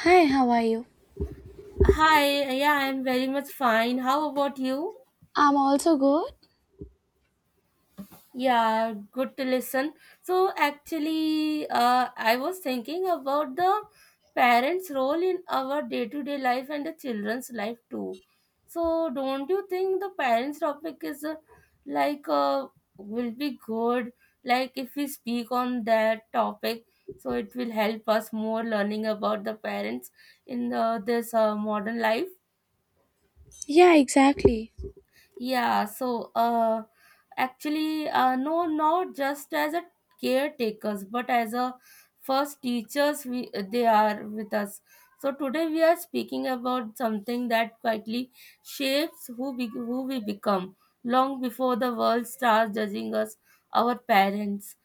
Hi, how are you? Hi, yeah, I'm very much fine. How about you? I'm also good. Yeah, good to listen. So, actually, I was thinking about the parents' role in our day to day life and the children's life too. So, don't you think the parents' topic is like uh, will be good? Like, if we speak on that topic, so it will help us more learning about the parents in this modern life. Yeah, exactly. Yeah, so uh, no, not just as a caretakers, but as a first teachers, we they are with us. So today we are speaking about something that quietly shapes who we become long before the world starts judging us, our parents.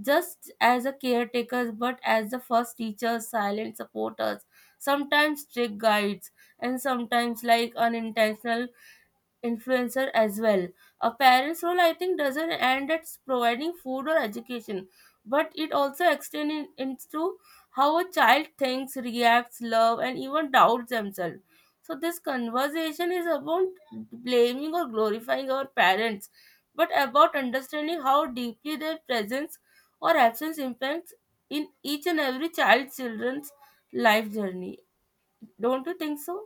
Just as a caretakers, but as the first teachers, silent supporters, sometimes strict guides, and sometimes like unintentional influencer as well. A parent's role, I think, doesn't end at providing food or education, but it also extends into how a child thinks, reacts, loves, and even doubts themselves. So, this conversation is about blaming or glorifying our parents, but about understanding how deeply their presence or absence impacts in each and every child's children's life journey. Don't you think so?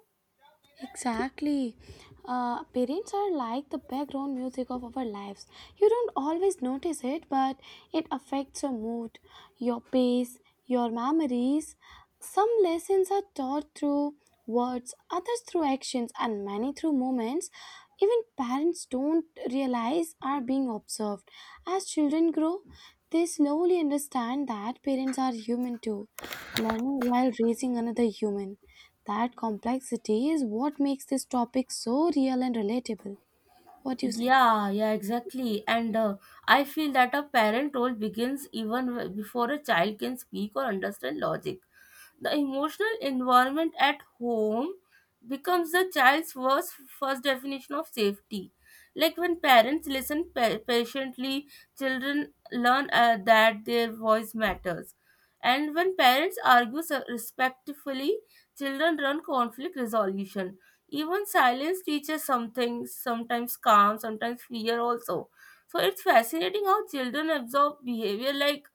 Exactly. Parents are like the background music of our lives. You don't always notice it, but it affects your mood, your pace, your memories. Some lessons are taught through words, others through actions, and many through moments. Even parents don't realize are being observed. As children grow, they slowly understand that parents are human too learning while raising another human. That complexity is what makes this topic so real and relatable. What do you say? Yeah, yeah, exactly. And I feel that a parent role begins even before a child can speak or understand logic. The emotional environment at home becomes the child's first definition of safety. Like when parents listen patiently, children learn that their voice matters. And when parents argue respectfully, children learn conflict resolution. Even silence teaches something, sometimes calm, sometimes fear also. So it's fascinating how children absorb behavior like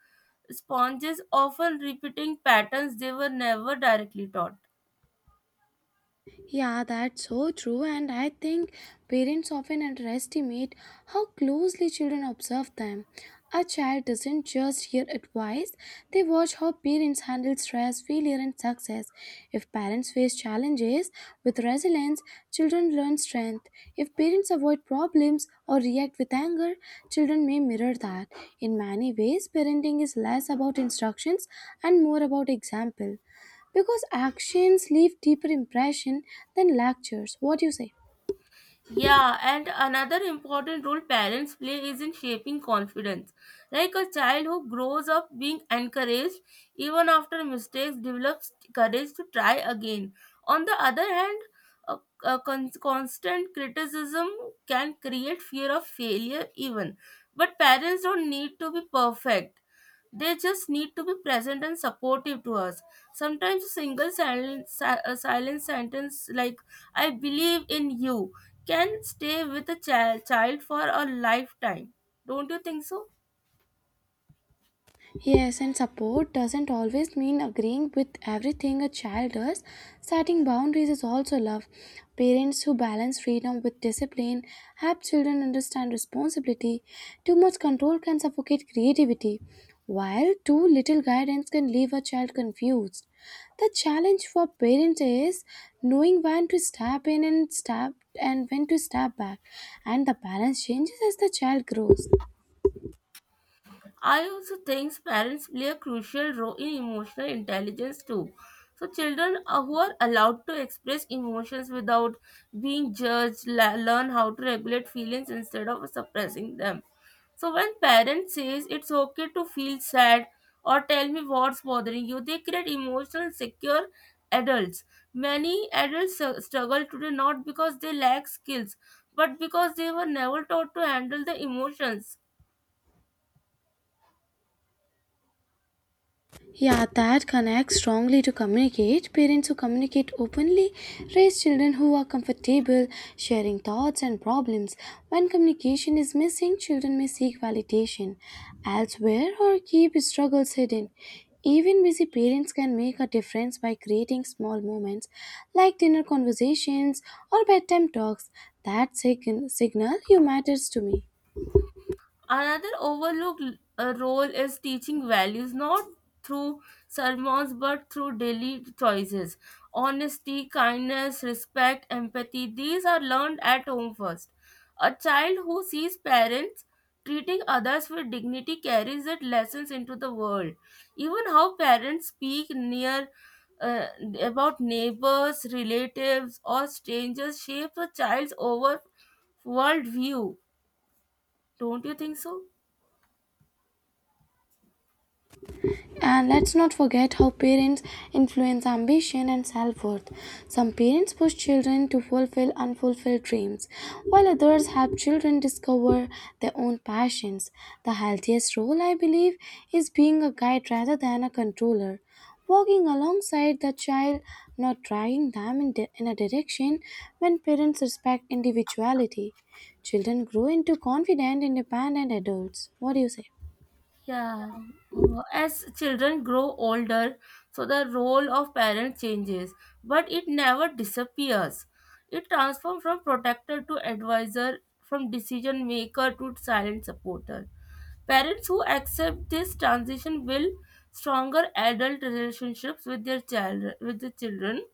sponges, often repeating patterns they were never directly taught. Yeah, that's so true, and I think parents often underestimate how closely children observe them. A child doesn't just hear advice, they watch how parents handle stress, failure, and success. If parents face challenges with resilience, children learn strength. If parents avoid problems or react with anger, children may mirror that. In many ways, parenting is less about instructions and more about example because actions leave deeper impression than lectures. What do you say? Yeah, and another important role parents play is in shaping confidence. Like a child who grows up being encouraged even after mistakes develops courage to try again. On the other hand, a, a constant criticism can create fear of failure even. But parents don't need to be perfect. They just need to be present and supportive to us. Sometimes a single silent, si- a silent sentence like "I believe in you" can stay with a child for a lifetime. Don't you think so? Yes, and support doesn't always mean agreeing with everything a child does. Setting boundaries is also love. Parents who balance freedom with discipline help children understand responsibility. Too much control can suffocate creativity, while too little guidance can leave a child confused. The challenge for parents is knowing when to step in and when to step back, and the balance changes as the child grows. I also think parents play a crucial role in emotional intelligence too. So, who are allowed to express emotions without being judged learn how to regulate feelings instead of suppressing them. So, when parents says it's okay to feel sad or tell me what's bothering you, they create emotional secure adults. Many adults struggle today not because they lack skills, but because they were never taught to handle the emotions. Yeah, that connects strongly to communicate. Parents who communicate openly raise children who are comfortable sharing thoughts and problems. When communication is missing, children may seek validation elsewhere or keep struggles hidden. Even busy parents can make a difference by creating small moments like dinner conversations or bedtime talks that signal you matters to me. Another overlooked role is teaching values not through sermons but through daily choices. Honesty, kindness, respect, empathy, these are learned at home first. A child who sees parents treating others with dignity carries that lessons into the world. Even how parents speak near uh, about neighbors, relatives, or strangers shapes a child's over world view. Don't you think so? And let's not forget how parents influence ambition and self worth. Some parents push children to fulfill unfulfilled dreams, while others help children discover their own passions. The healthiest role, I believe, is being a guide rather than a controller, walking alongside the child, not dragging in a direction when parents respect individuality. Children grow into confident, independent adults. What do you say? Yeah, as children grow older, so the role of parent changes, but it never disappears. It transforms from protector to advisor, from decision maker to silent supporter. Parents who accept this transition will stronger adult relationships with the children.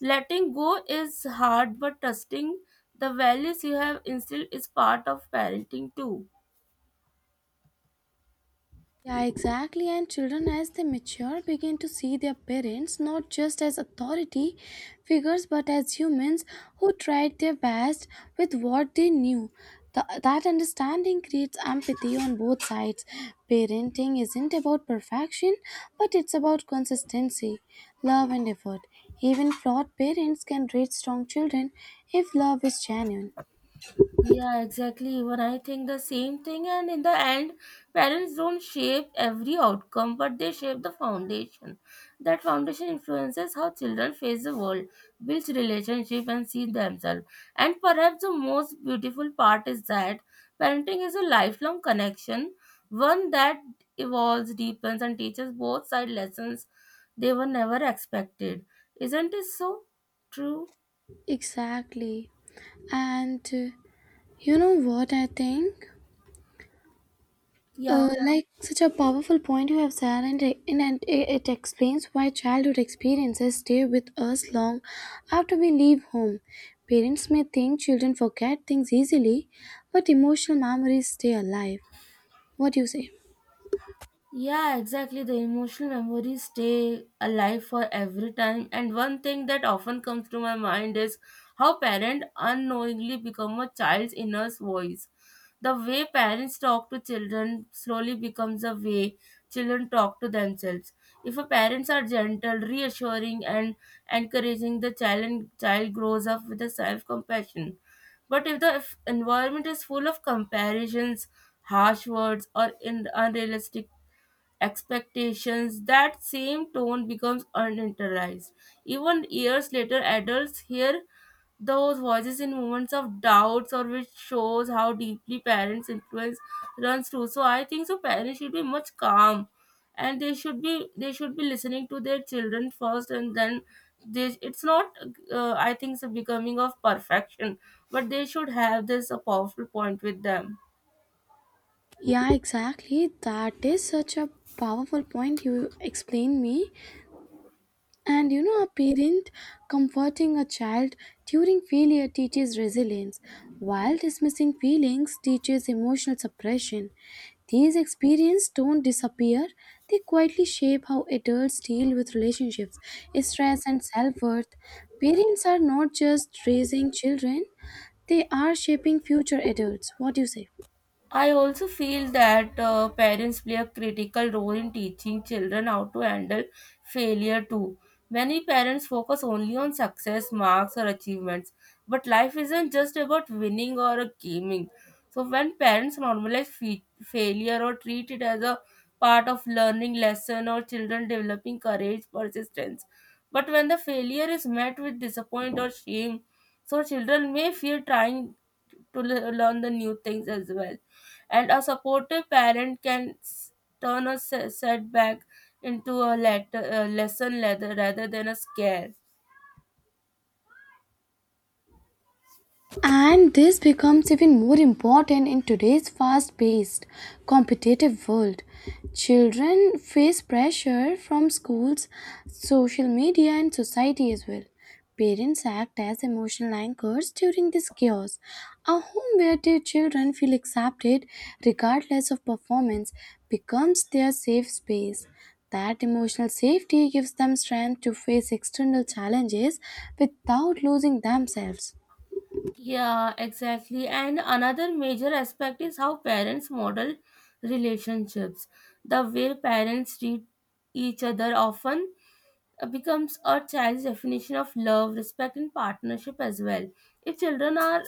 Letting go is hard, but trusting the values you have instilled is part of parenting too. Yeah, exactly. And children, as they mature, begin to see their parents not just as authority figures but as humans who tried their best with what they knew. That understanding creates empathy on both sides. Parenting isn't about perfection, but it's about consistency, love, and effort. Even flawed parents can raise strong children if love is genuine. Yeah, exactly. Even I think the same thing. And in the end, parents don't shape every outcome, but they shape the foundation. That foundation influences how children face the world, builds relationship, and see themselves. And perhaps the most beautiful part is that parenting is a lifelong connection, one that evolves, deepens, and teaches both side lessons they were never expected. Isn't it so true? Exactly. And You know what I think? Yeah. Like such a powerful point you have said, and it explains why childhood experiences stay with us long after we leave home. Parents may think children forget things easily, but emotional memories stay alive. What do you say? Yeah, exactly. The emotional memories stay alive for every time. And one thing that often comes to my mind is how parents unknowingly become a child's inner voice. The way parents talk to children slowly becomes a way children talk to themselves. If a parents are gentle, reassuring, and encouraging, the child grows up with a self compassion. But if the environment is full of comparisons, harsh words, or unrealistic expectations, that same tone becomes uninteriorized. Even years later, adults hear those voices in moments of doubts or which shows how deeply parents' influence runs through. So I think so parents should be much calm and they should be listening to their children first and then they, it's not I think it's a becoming of perfection but they should have this a powerful point with them. Yeah, exactly. That is such a powerful point you explained me. And you know, a parent comforting a child during failure teaches resilience, while dismissing feelings teaches emotional suppression. These experiences don't disappear, they quietly shape how adults deal with relationships, stress, and self worth. Parents are not just raising children, they are shaping future adults. What do you say? I also feel that parents play a critical role in teaching children how to handle failure too. Many parents focus only on success, marks, or achievements, but life isn't just about winning or gaming. So, when parents normalize failure or treat it as a part of learning lesson or children developing courage, persistence, but when the failure is met with disappointment or shame, so children may fear trying to learn the new things as well. And a supportive parent can turn a setback into a lesson rather than a scare. And this becomes even more important in today's fast paced, competitive world. Children face pressure from schools, social media, and society as well. Parents act as emotional anchors during this chaos. A home where their children feel accepted, regardless of performance, becomes their safe space. That emotional safety gives them strength to face external challenges without losing themselves. Yeah, exactly. And another major aspect is how parents model relationships. The way parents treat each other often becomes a child's definition of love, respect, and partnership as well. If children are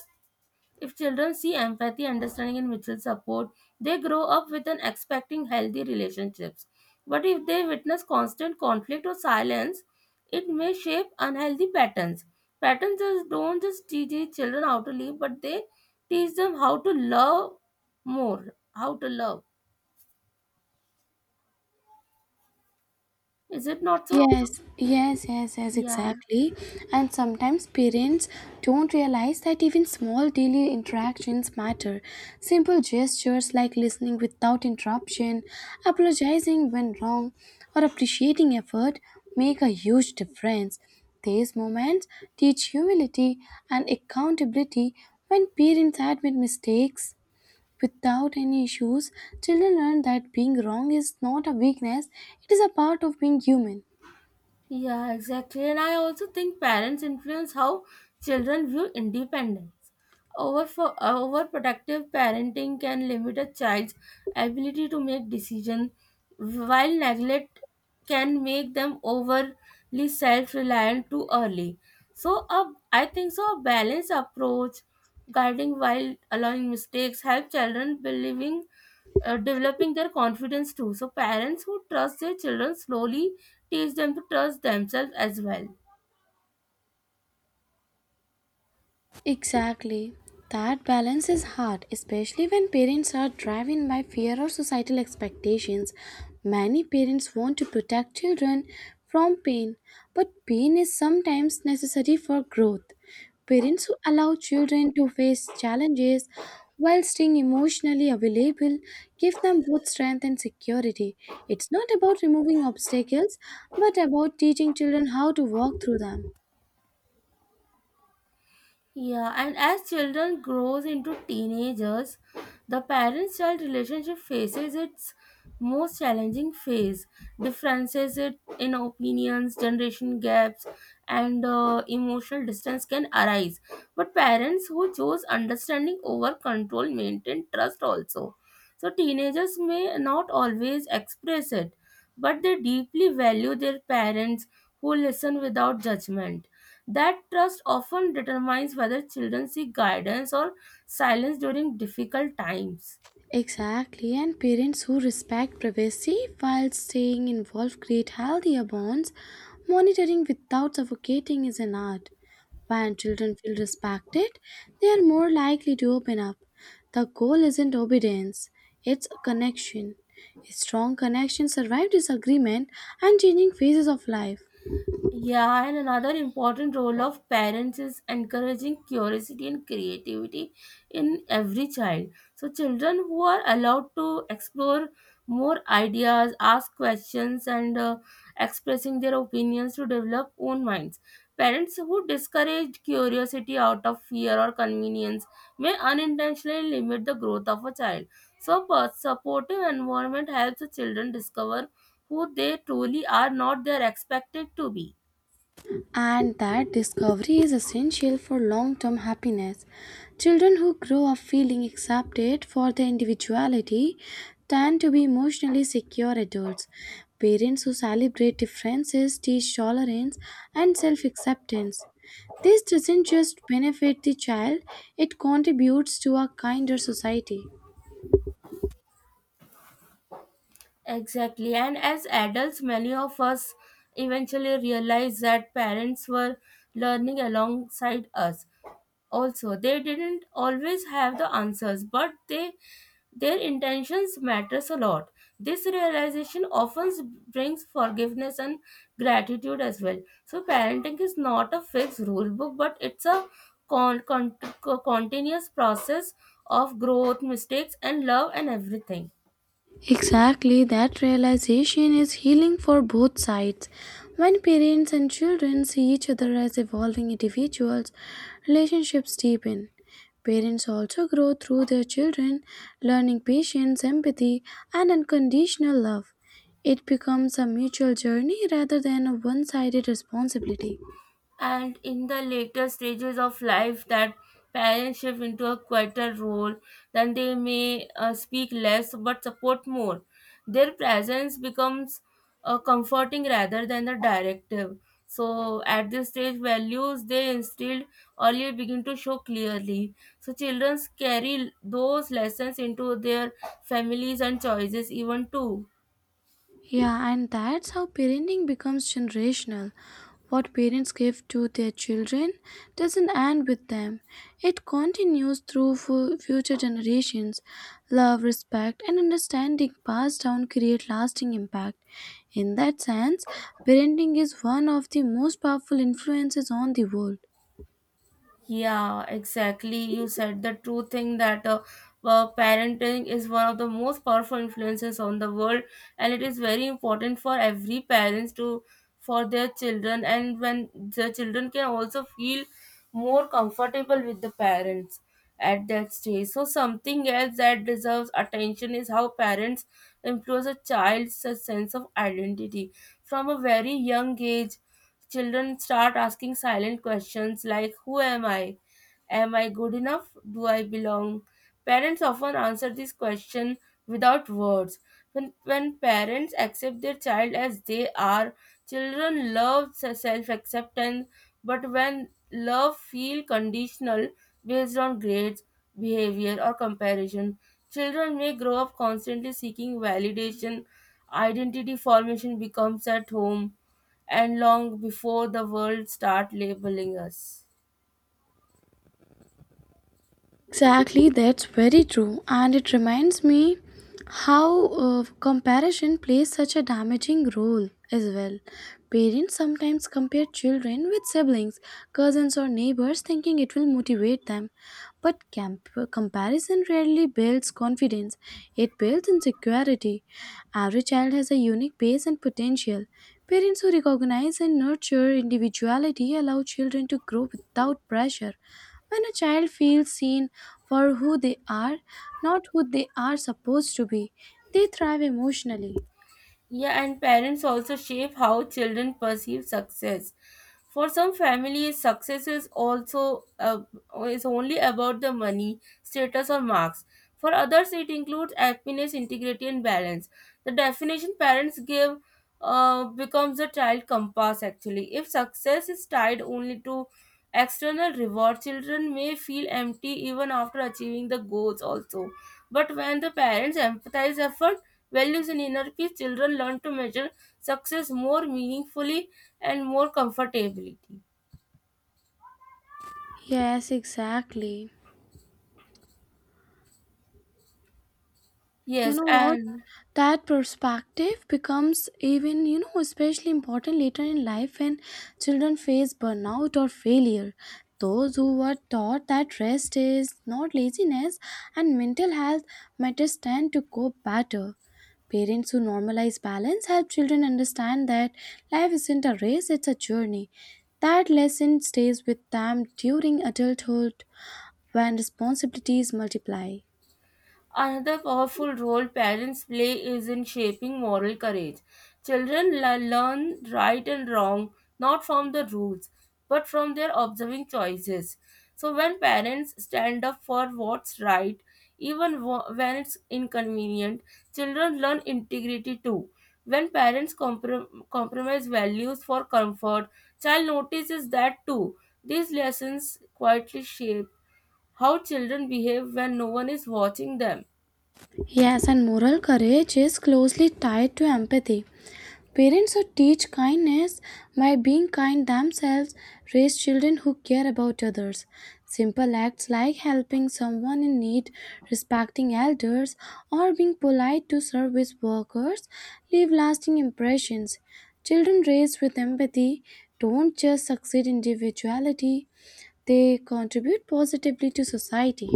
If children see empathy, understanding, and mutual support, they grow up with an expecting healthy relationships. But if they witness constant conflict or silence, it may shape unhealthy patterns. Patterns just don't just teach the children how to live, but they teach them how to love more, how to love. Is it not so? Yes, yes, yes, yes, Yeah, exactly. And sometimes parents don't realize that even small daily interactions matter. Simple gestures like listening without interruption, apologizing when wrong, or appreciating effort make a huge difference. These moments teach humility and accountability when parents admit mistakes without any issues. Children learn that being wrong is not a weakness, it is a part of being human. yeah, exactly. And I also think parents influence how children view independence. Overprotective parenting can limit a child's ability to make decisions, while neglect can make them overly self-reliant too early. So, a, I think so. A balanced approach, guiding while allowing mistakes, help children believing, developing their confidence too. So, parents who trust their children slowly teach them to trust themselves as well. Exactly. That balance is hard, especially when parents are driven by fear or societal expectations. Many parents want to protect children from pain, but pain is sometimes necessary for growth. Parents who allow children to face challenges while staying emotionally available give them both strength and security. It's not about removing obstacles, but about teaching children how to walk through them. Yeah, and as children grows into teenagers, the parent-child relationship faces its most challenging phase. Differences it in opinions, generation gaps, and emotional distance can arise. But parents who chose understanding over control maintain trust also. So, teenagers may not always express it, but they deeply value their parents who listen without judgment. That trust often determines whether children seek guidance or silence during difficult times. Exactly, and parents who respect privacy while staying involved create healthier bonds. Monitoring without suffocating is an art. When children feel respected, they are more likely to open up. The goal isn't obedience, it's a connection. A strong connection survives disagreement and changing phases of life. Yeah, and another important role of parents is encouraging curiosity and creativity in every child. So, children who are allowed to explore more ideas, ask questions, and expressing their opinions to develop own minds. Parents who discourage curiosity out of fear or convenience may unintentionally limit the growth of a child. So, a supportive environment helps the children discover who they truly are, not they are expected to be. And that discovery is essential for long term happiness. Children who grow up feeling accepted for their individuality tend to be emotionally secure adults. Parents who celebrate differences teach tolerance and self acceptance. This doesn't just benefit the child, it contributes to a kinder society. Exactly. And as adults, many of us eventually realize that parents were learning alongside us. Also, they didn't always have the answers, but they their intentions matters a lot. This realization often brings forgiveness and gratitude as well. So parenting is not a fixed rule book, but it's a con- con- continuous process of growth, mistakes, and love and everything. Exactly, that realization is healing for both sides. When parents and children see each other as evolving individuals, relationships deepen. Parents also grow through their children, learning patience, empathy, and unconditional love. It becomes a mutual journey rather than a one sided responsibility. And in the later stages of life that parents shift into a quieter role. Then they may speak less but support more. Their presence becomes comforting rather than a directive. So at this stage values they instilled earlier begin to show clearly, so children carry those lessons into their families and choices even too. Yeah, and that's how parenting becomes generational. What parents give to their children doesn't end with them, it continues through future generations. Love, respect, and understanding passed down create lasting impact. In that sense, parenting is one of the most powerful influences on the world. Yeah, exactly. You said the true thing that parenting is one of the most powerful influences on the world, and it is very important for every parents to for their children, and when the children can also feel more comfortable with the parents at that stage. So something else that deserves attention is how parents influence a child's sense of identity from a very young age. Children start asking silent questions like who am I? Am I good enough? Do I belong? Parents often answer this question without words. When parents accept their child as they are, children love self acceptance, but when love feel conditional based on grades, behavior, or comparison, children may grow up constantly seeking validation. Identity formation becomes at home and long before the world start labeling us. Exactly, that's very true. And it reminds me how comparison plays such a damaging role as well. Parents sometimes compare children with siblings, cousins, or neighbors thinking it will motivate them. But comparison rarely builds confidence, it builds insecurity. Every child has a unique pace and potential. Parents who recognize and nurture individuality allow children to grow without pressure. When a child feels seen for who they are, not who they are supposed to be, they thrive emotionally. Yeah, and parents also shape how children perceive success. For some families, success is also is only about the money, status, or marks. For others, it includes happiness, integrity, and balance. The definition parents give becomes a child compass actually. If success is tied only to external reward, children may feel empty even after achieving the goals also. But when the parents empathize effort, values and inner peace, children learn to measure success more meaningfully and more comfortably. Yes, exactly. You Yes, know what? and That perspective becomes even, you know, especially important later in life when children face burnout or failure. Those who were taught that rest is not laziness and mental health matters tend to cope better. Parents who normalize balance help children understand that life isn't a race, it's a journey. That lesson stays with them during adulthood when responsibilities multiply. another powerful role parents play is in shaping moral courage. Children learn right and wrong not from the rules but from their observing choices. So, when parents stand up for what's right, even when it's inconvenient, children learn integrity too. When parents compromise values for comfort, child notices that too. These lessons quietly shape how children behave when no one is watching them. Yes, and moral courage is closely tied to empathy. Parents who teach kindness by being kind themselves raise children who care about others. Simple acts like helping someone in need, respecting elders, or being polite to service workers leave lasting impressions. Children raised with empathy don't just succeed individuality, they contribute positively to society.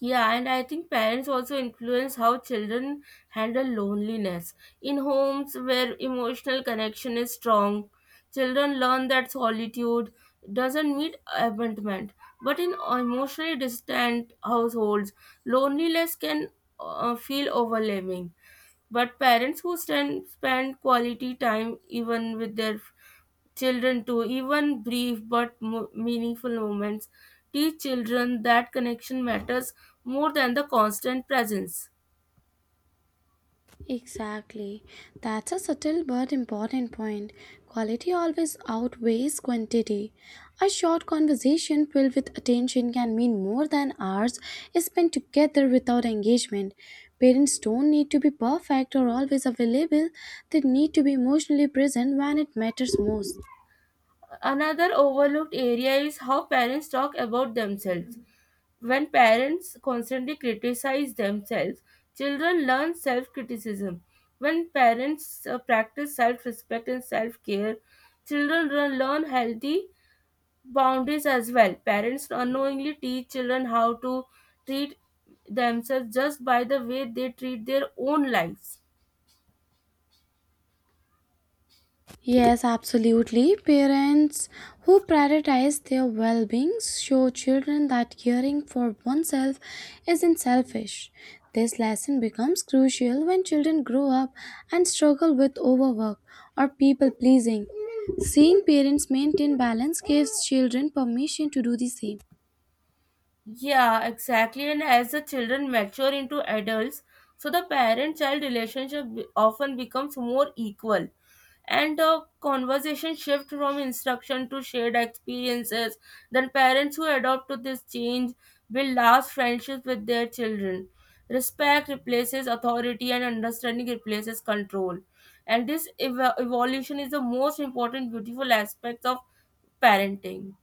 Yeah, and I think parents also influence how children handle loneliness. In homes where emotional connection is strong, children learn that solitude doesn't mean abandonment. But in emotionally distant households, loneliness can feel overwhelming. But parents who stand, spend quality time even with their children too, even brief but meaningful moments, teach children that connection matters more than the constant presence. Exactly. That's a subtle but important point. Quality always outweighs quantity. A short conversation filled with attention can mean more than hours spent together without engagement. Parents don't need to be perfect or always available, they need to be emotionally present when it matters most. Another overlooked area is how parents talk about themselves. When parents constantly criticize themselves, children learn self criticism. When parents practice self respect and self care, children learn healthy boundaries as well. Parents unknowingly teach children how to treat themselves just by the way they treat their own lives. Yes, absolutely. Parents who prioritize their well being show children that caring for oneself isn't selfish. This lesson becomes crucial when children grow up and struggle with overwork or people pleasing. Seeing parents maintain balance gives children permission to do the same. Yeah, exactly. And as the children mature into adults, so the parent child relationship often becomes more equal. And the conversation shift from instruction to shared experiences. Then parents who adopt to this change will last friendships with their children. Respect replaces authority and understanding replaces control. And this evolution is the most important beautiful aspect of parenting.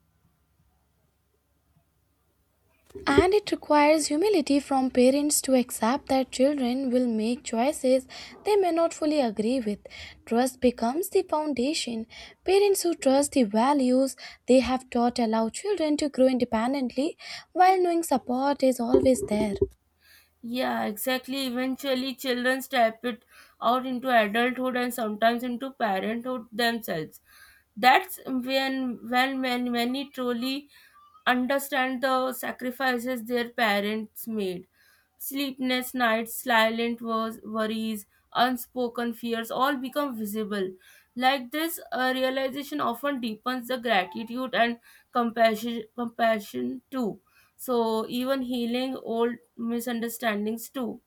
And it requires humility from parents to accept that children will make choices they may not fully agree with. Trust becomes the foundation. Parents who trust the values they have taught allow children to grow independently while knowing support is always there. Yeah, exactly. Eventually, children step it out into adulthood and sometimes into parenthood themselves. That's when many truly understand the sacrifices their parents made. Sleepless nights, silent worries, unspoken fears all become visible. Like this, a realization often deepens the gratitude and compassion, compassion too. So, even healing old misunderstandings too.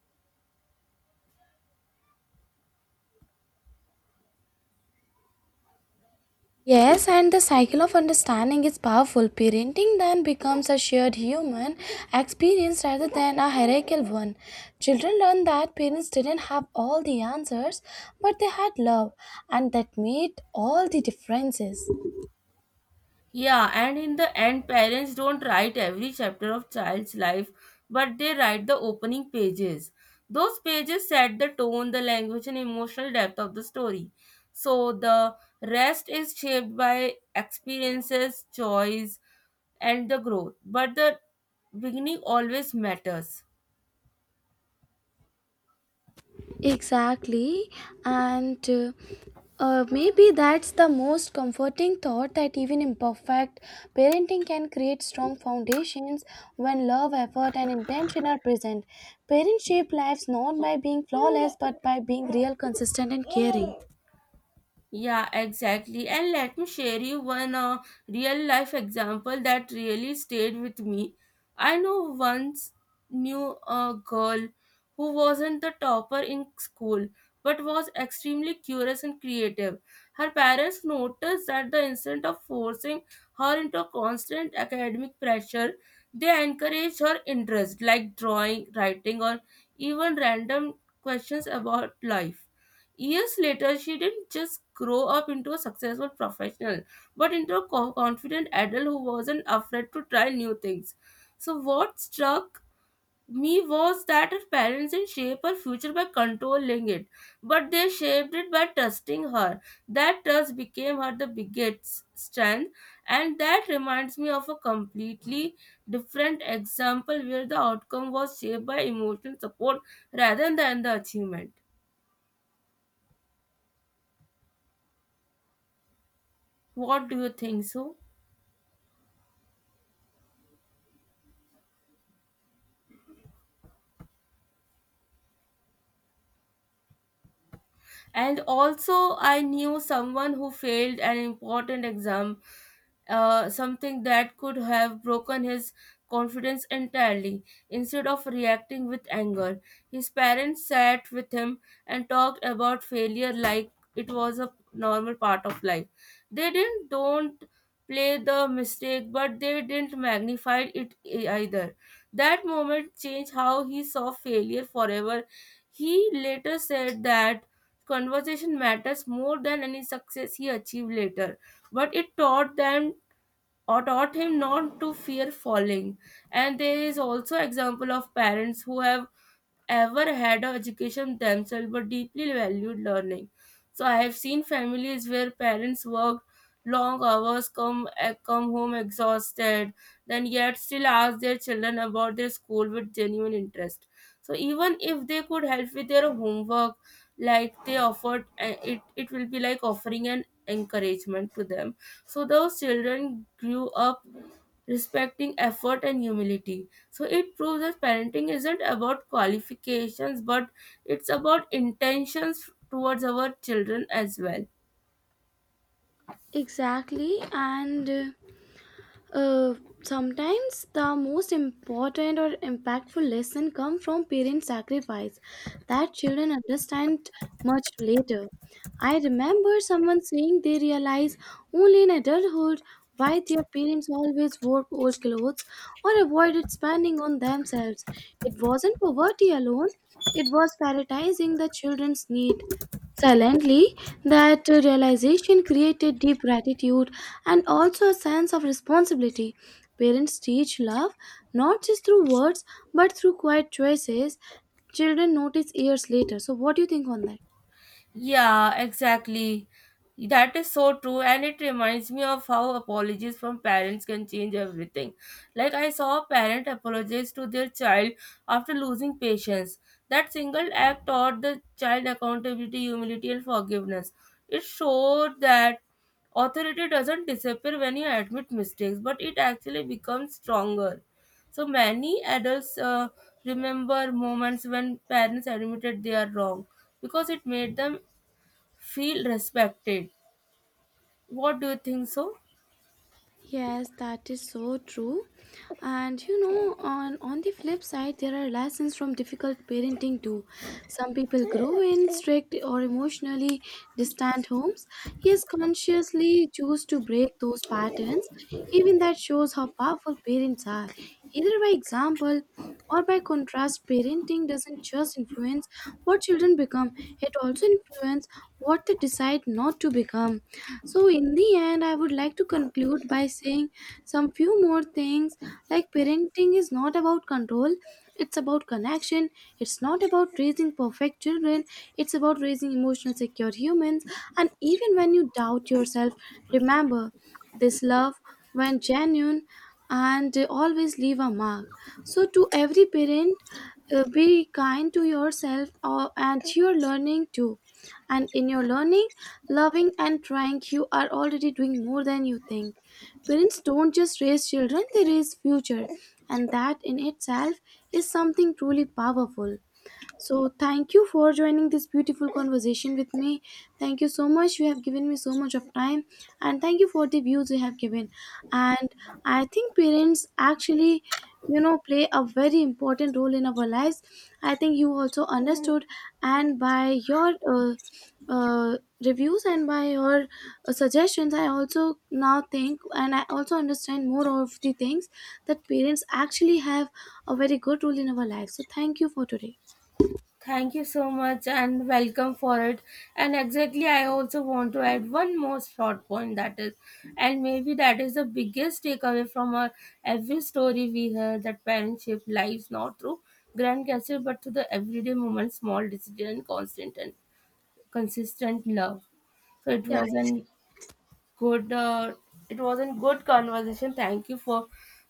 Yes, and the cycle of understanding is powerful. Parenting then becomes a shared human experience rather than a hierarchical one. Children learn that parents didn't have all the answers, but they had love, and that made all the differences. Yeah, and in the end, parents don't write every chapter of child's life, but they write the opening pages. Those pages set the tone, the language, and emotional depth of the story. So the rest is shaped by experiences, choice, and the growth. But the beginning always matters. Exactly, and maybe that's the most comforting thought that even imperfect parenting can create strong foundations when love, effort, and intention are present. Parents shape lives not by being flawless but by being real, consistent, and caring. Yeah, exactly. And let me share you one real life example that really stayed with me. I know once knew a girl who wasn't the topper in school but was extremely curious and creative. Her parents noticed that the instant of forcing her into constant academic pressure, they encouraged her interest like drawing, writing, or even random questions about life. Years later, she didn't just grow up into a successful professional, but into a confident adult who wasn't afraid to try new things. So, what struck me was that her parents didn't shape her future by controlling it, but they shaped it by trusting her. That trust became her the biggest strength, and that reminds me of a completely different example where the outcome was shaped by emotional support rather than the achievement. What do you think so? And also I knew someone who failed an important exam, something that could have broken his confidence entirely. Instead of reacting with anger, his parents sat with him and talked about failure like it was a normal part of life. They didn't don't play the mistake, but they didn't magnify it either. That moment changed how he saw failure forever. He later said that conversation matters more than any success he achieved later, but it taught them or taught him not to fear falling. And there is also example of parents who have ever had an education themselves but deeply valued learning. So I have seen families where parents work long hours, come come home exhausted, then yet still ask their children about their school with genuine interest. So even if they could help with their homework, like they offered, it will be like offering an encouragement to them, so those children grew up respecting effort and humility. So it proves that parenting isn't about qualifications, but it's about intentions towards our children as well. Exactly, and Uh, sometimes the most important or impactful lesson come from parent sacrifice that children understand much later. I remember someone saying they realize only in adulthood why their parents always wore old clothes or avoided spending on themselves. It wasn't poverty alone, it was prioritizing the children's need. Silently, that realization created deep gratitude and also a sense of responsibility. Parents teach love not just through words but through quiet choices. Children notice years later. So, what do you think on that? Yeah, exactly. That is so true, and it reminds me of how apologies from parents can change everything. Like, I saw a parent apologize to their child after losing patience. That single act taught the child accountability, humility, and forgiveness. It showed that authority doesn't disappear when you admit mistakes, but it actually becomes stronger. So, many adults remember moments when parents admitted they are wrong because it made them feel respected. What do you think so? Yes, that is so true. And you know, on the flip side, there are lessons from difficult parenting too. Some people grow in strict or emotionally distant homes, yet consciously choose to break those patterns. Even that shows how powerful parents are. Either by example or by contrast, parenting doesn't just influence what children become, it also influences what they decide not to become. So, in the end, I would like to conclude by saying some few more things like parenting is not about control, it's about connection, it's not about raising perfect children, it's about raising emotional secure humans. And even when you doubt yourself, remember this love, when genuine, and always leave a mark. So, to every parent, be kind to yourself or, and your learning too and in your learning, loving, and trying, you are already doing more than you think. Parents don't just raise children, they raise future. And that in itself is something truly powerful. So, thank you for joining this beautiful conversation with me. Thank you so much. You have given me so much of time, and thank you for the views you have given. And I think parents actually, you know, play a very important role in our lives. I think you also understood, and by your uh, reviews and by your suggestions, I also now think and I also understand more of the things that parents actually have a very good role in our lives. So, thank you for today. Thank you so much and welcome for it. And exactly, I also want to add one more short point, that is, and maybe that is the biggest takeaway from our every story we hear, that parents shape lives not through grand gestures but through the everyday moments, small decisions, and constant and consistent love. So it Yeah, was an good it was a good conversation. Thank you for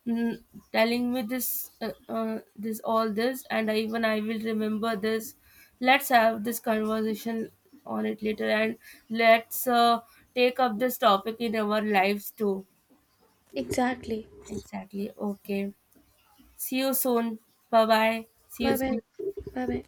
mm, telling me this this all this. And I, even I will remember this. Let's have this conversation on it later, and let's take up this topic in our lives too. exactly. Exactly. Okay, see you soon. Bye bye, see you Bye bye. soon. Bye bye.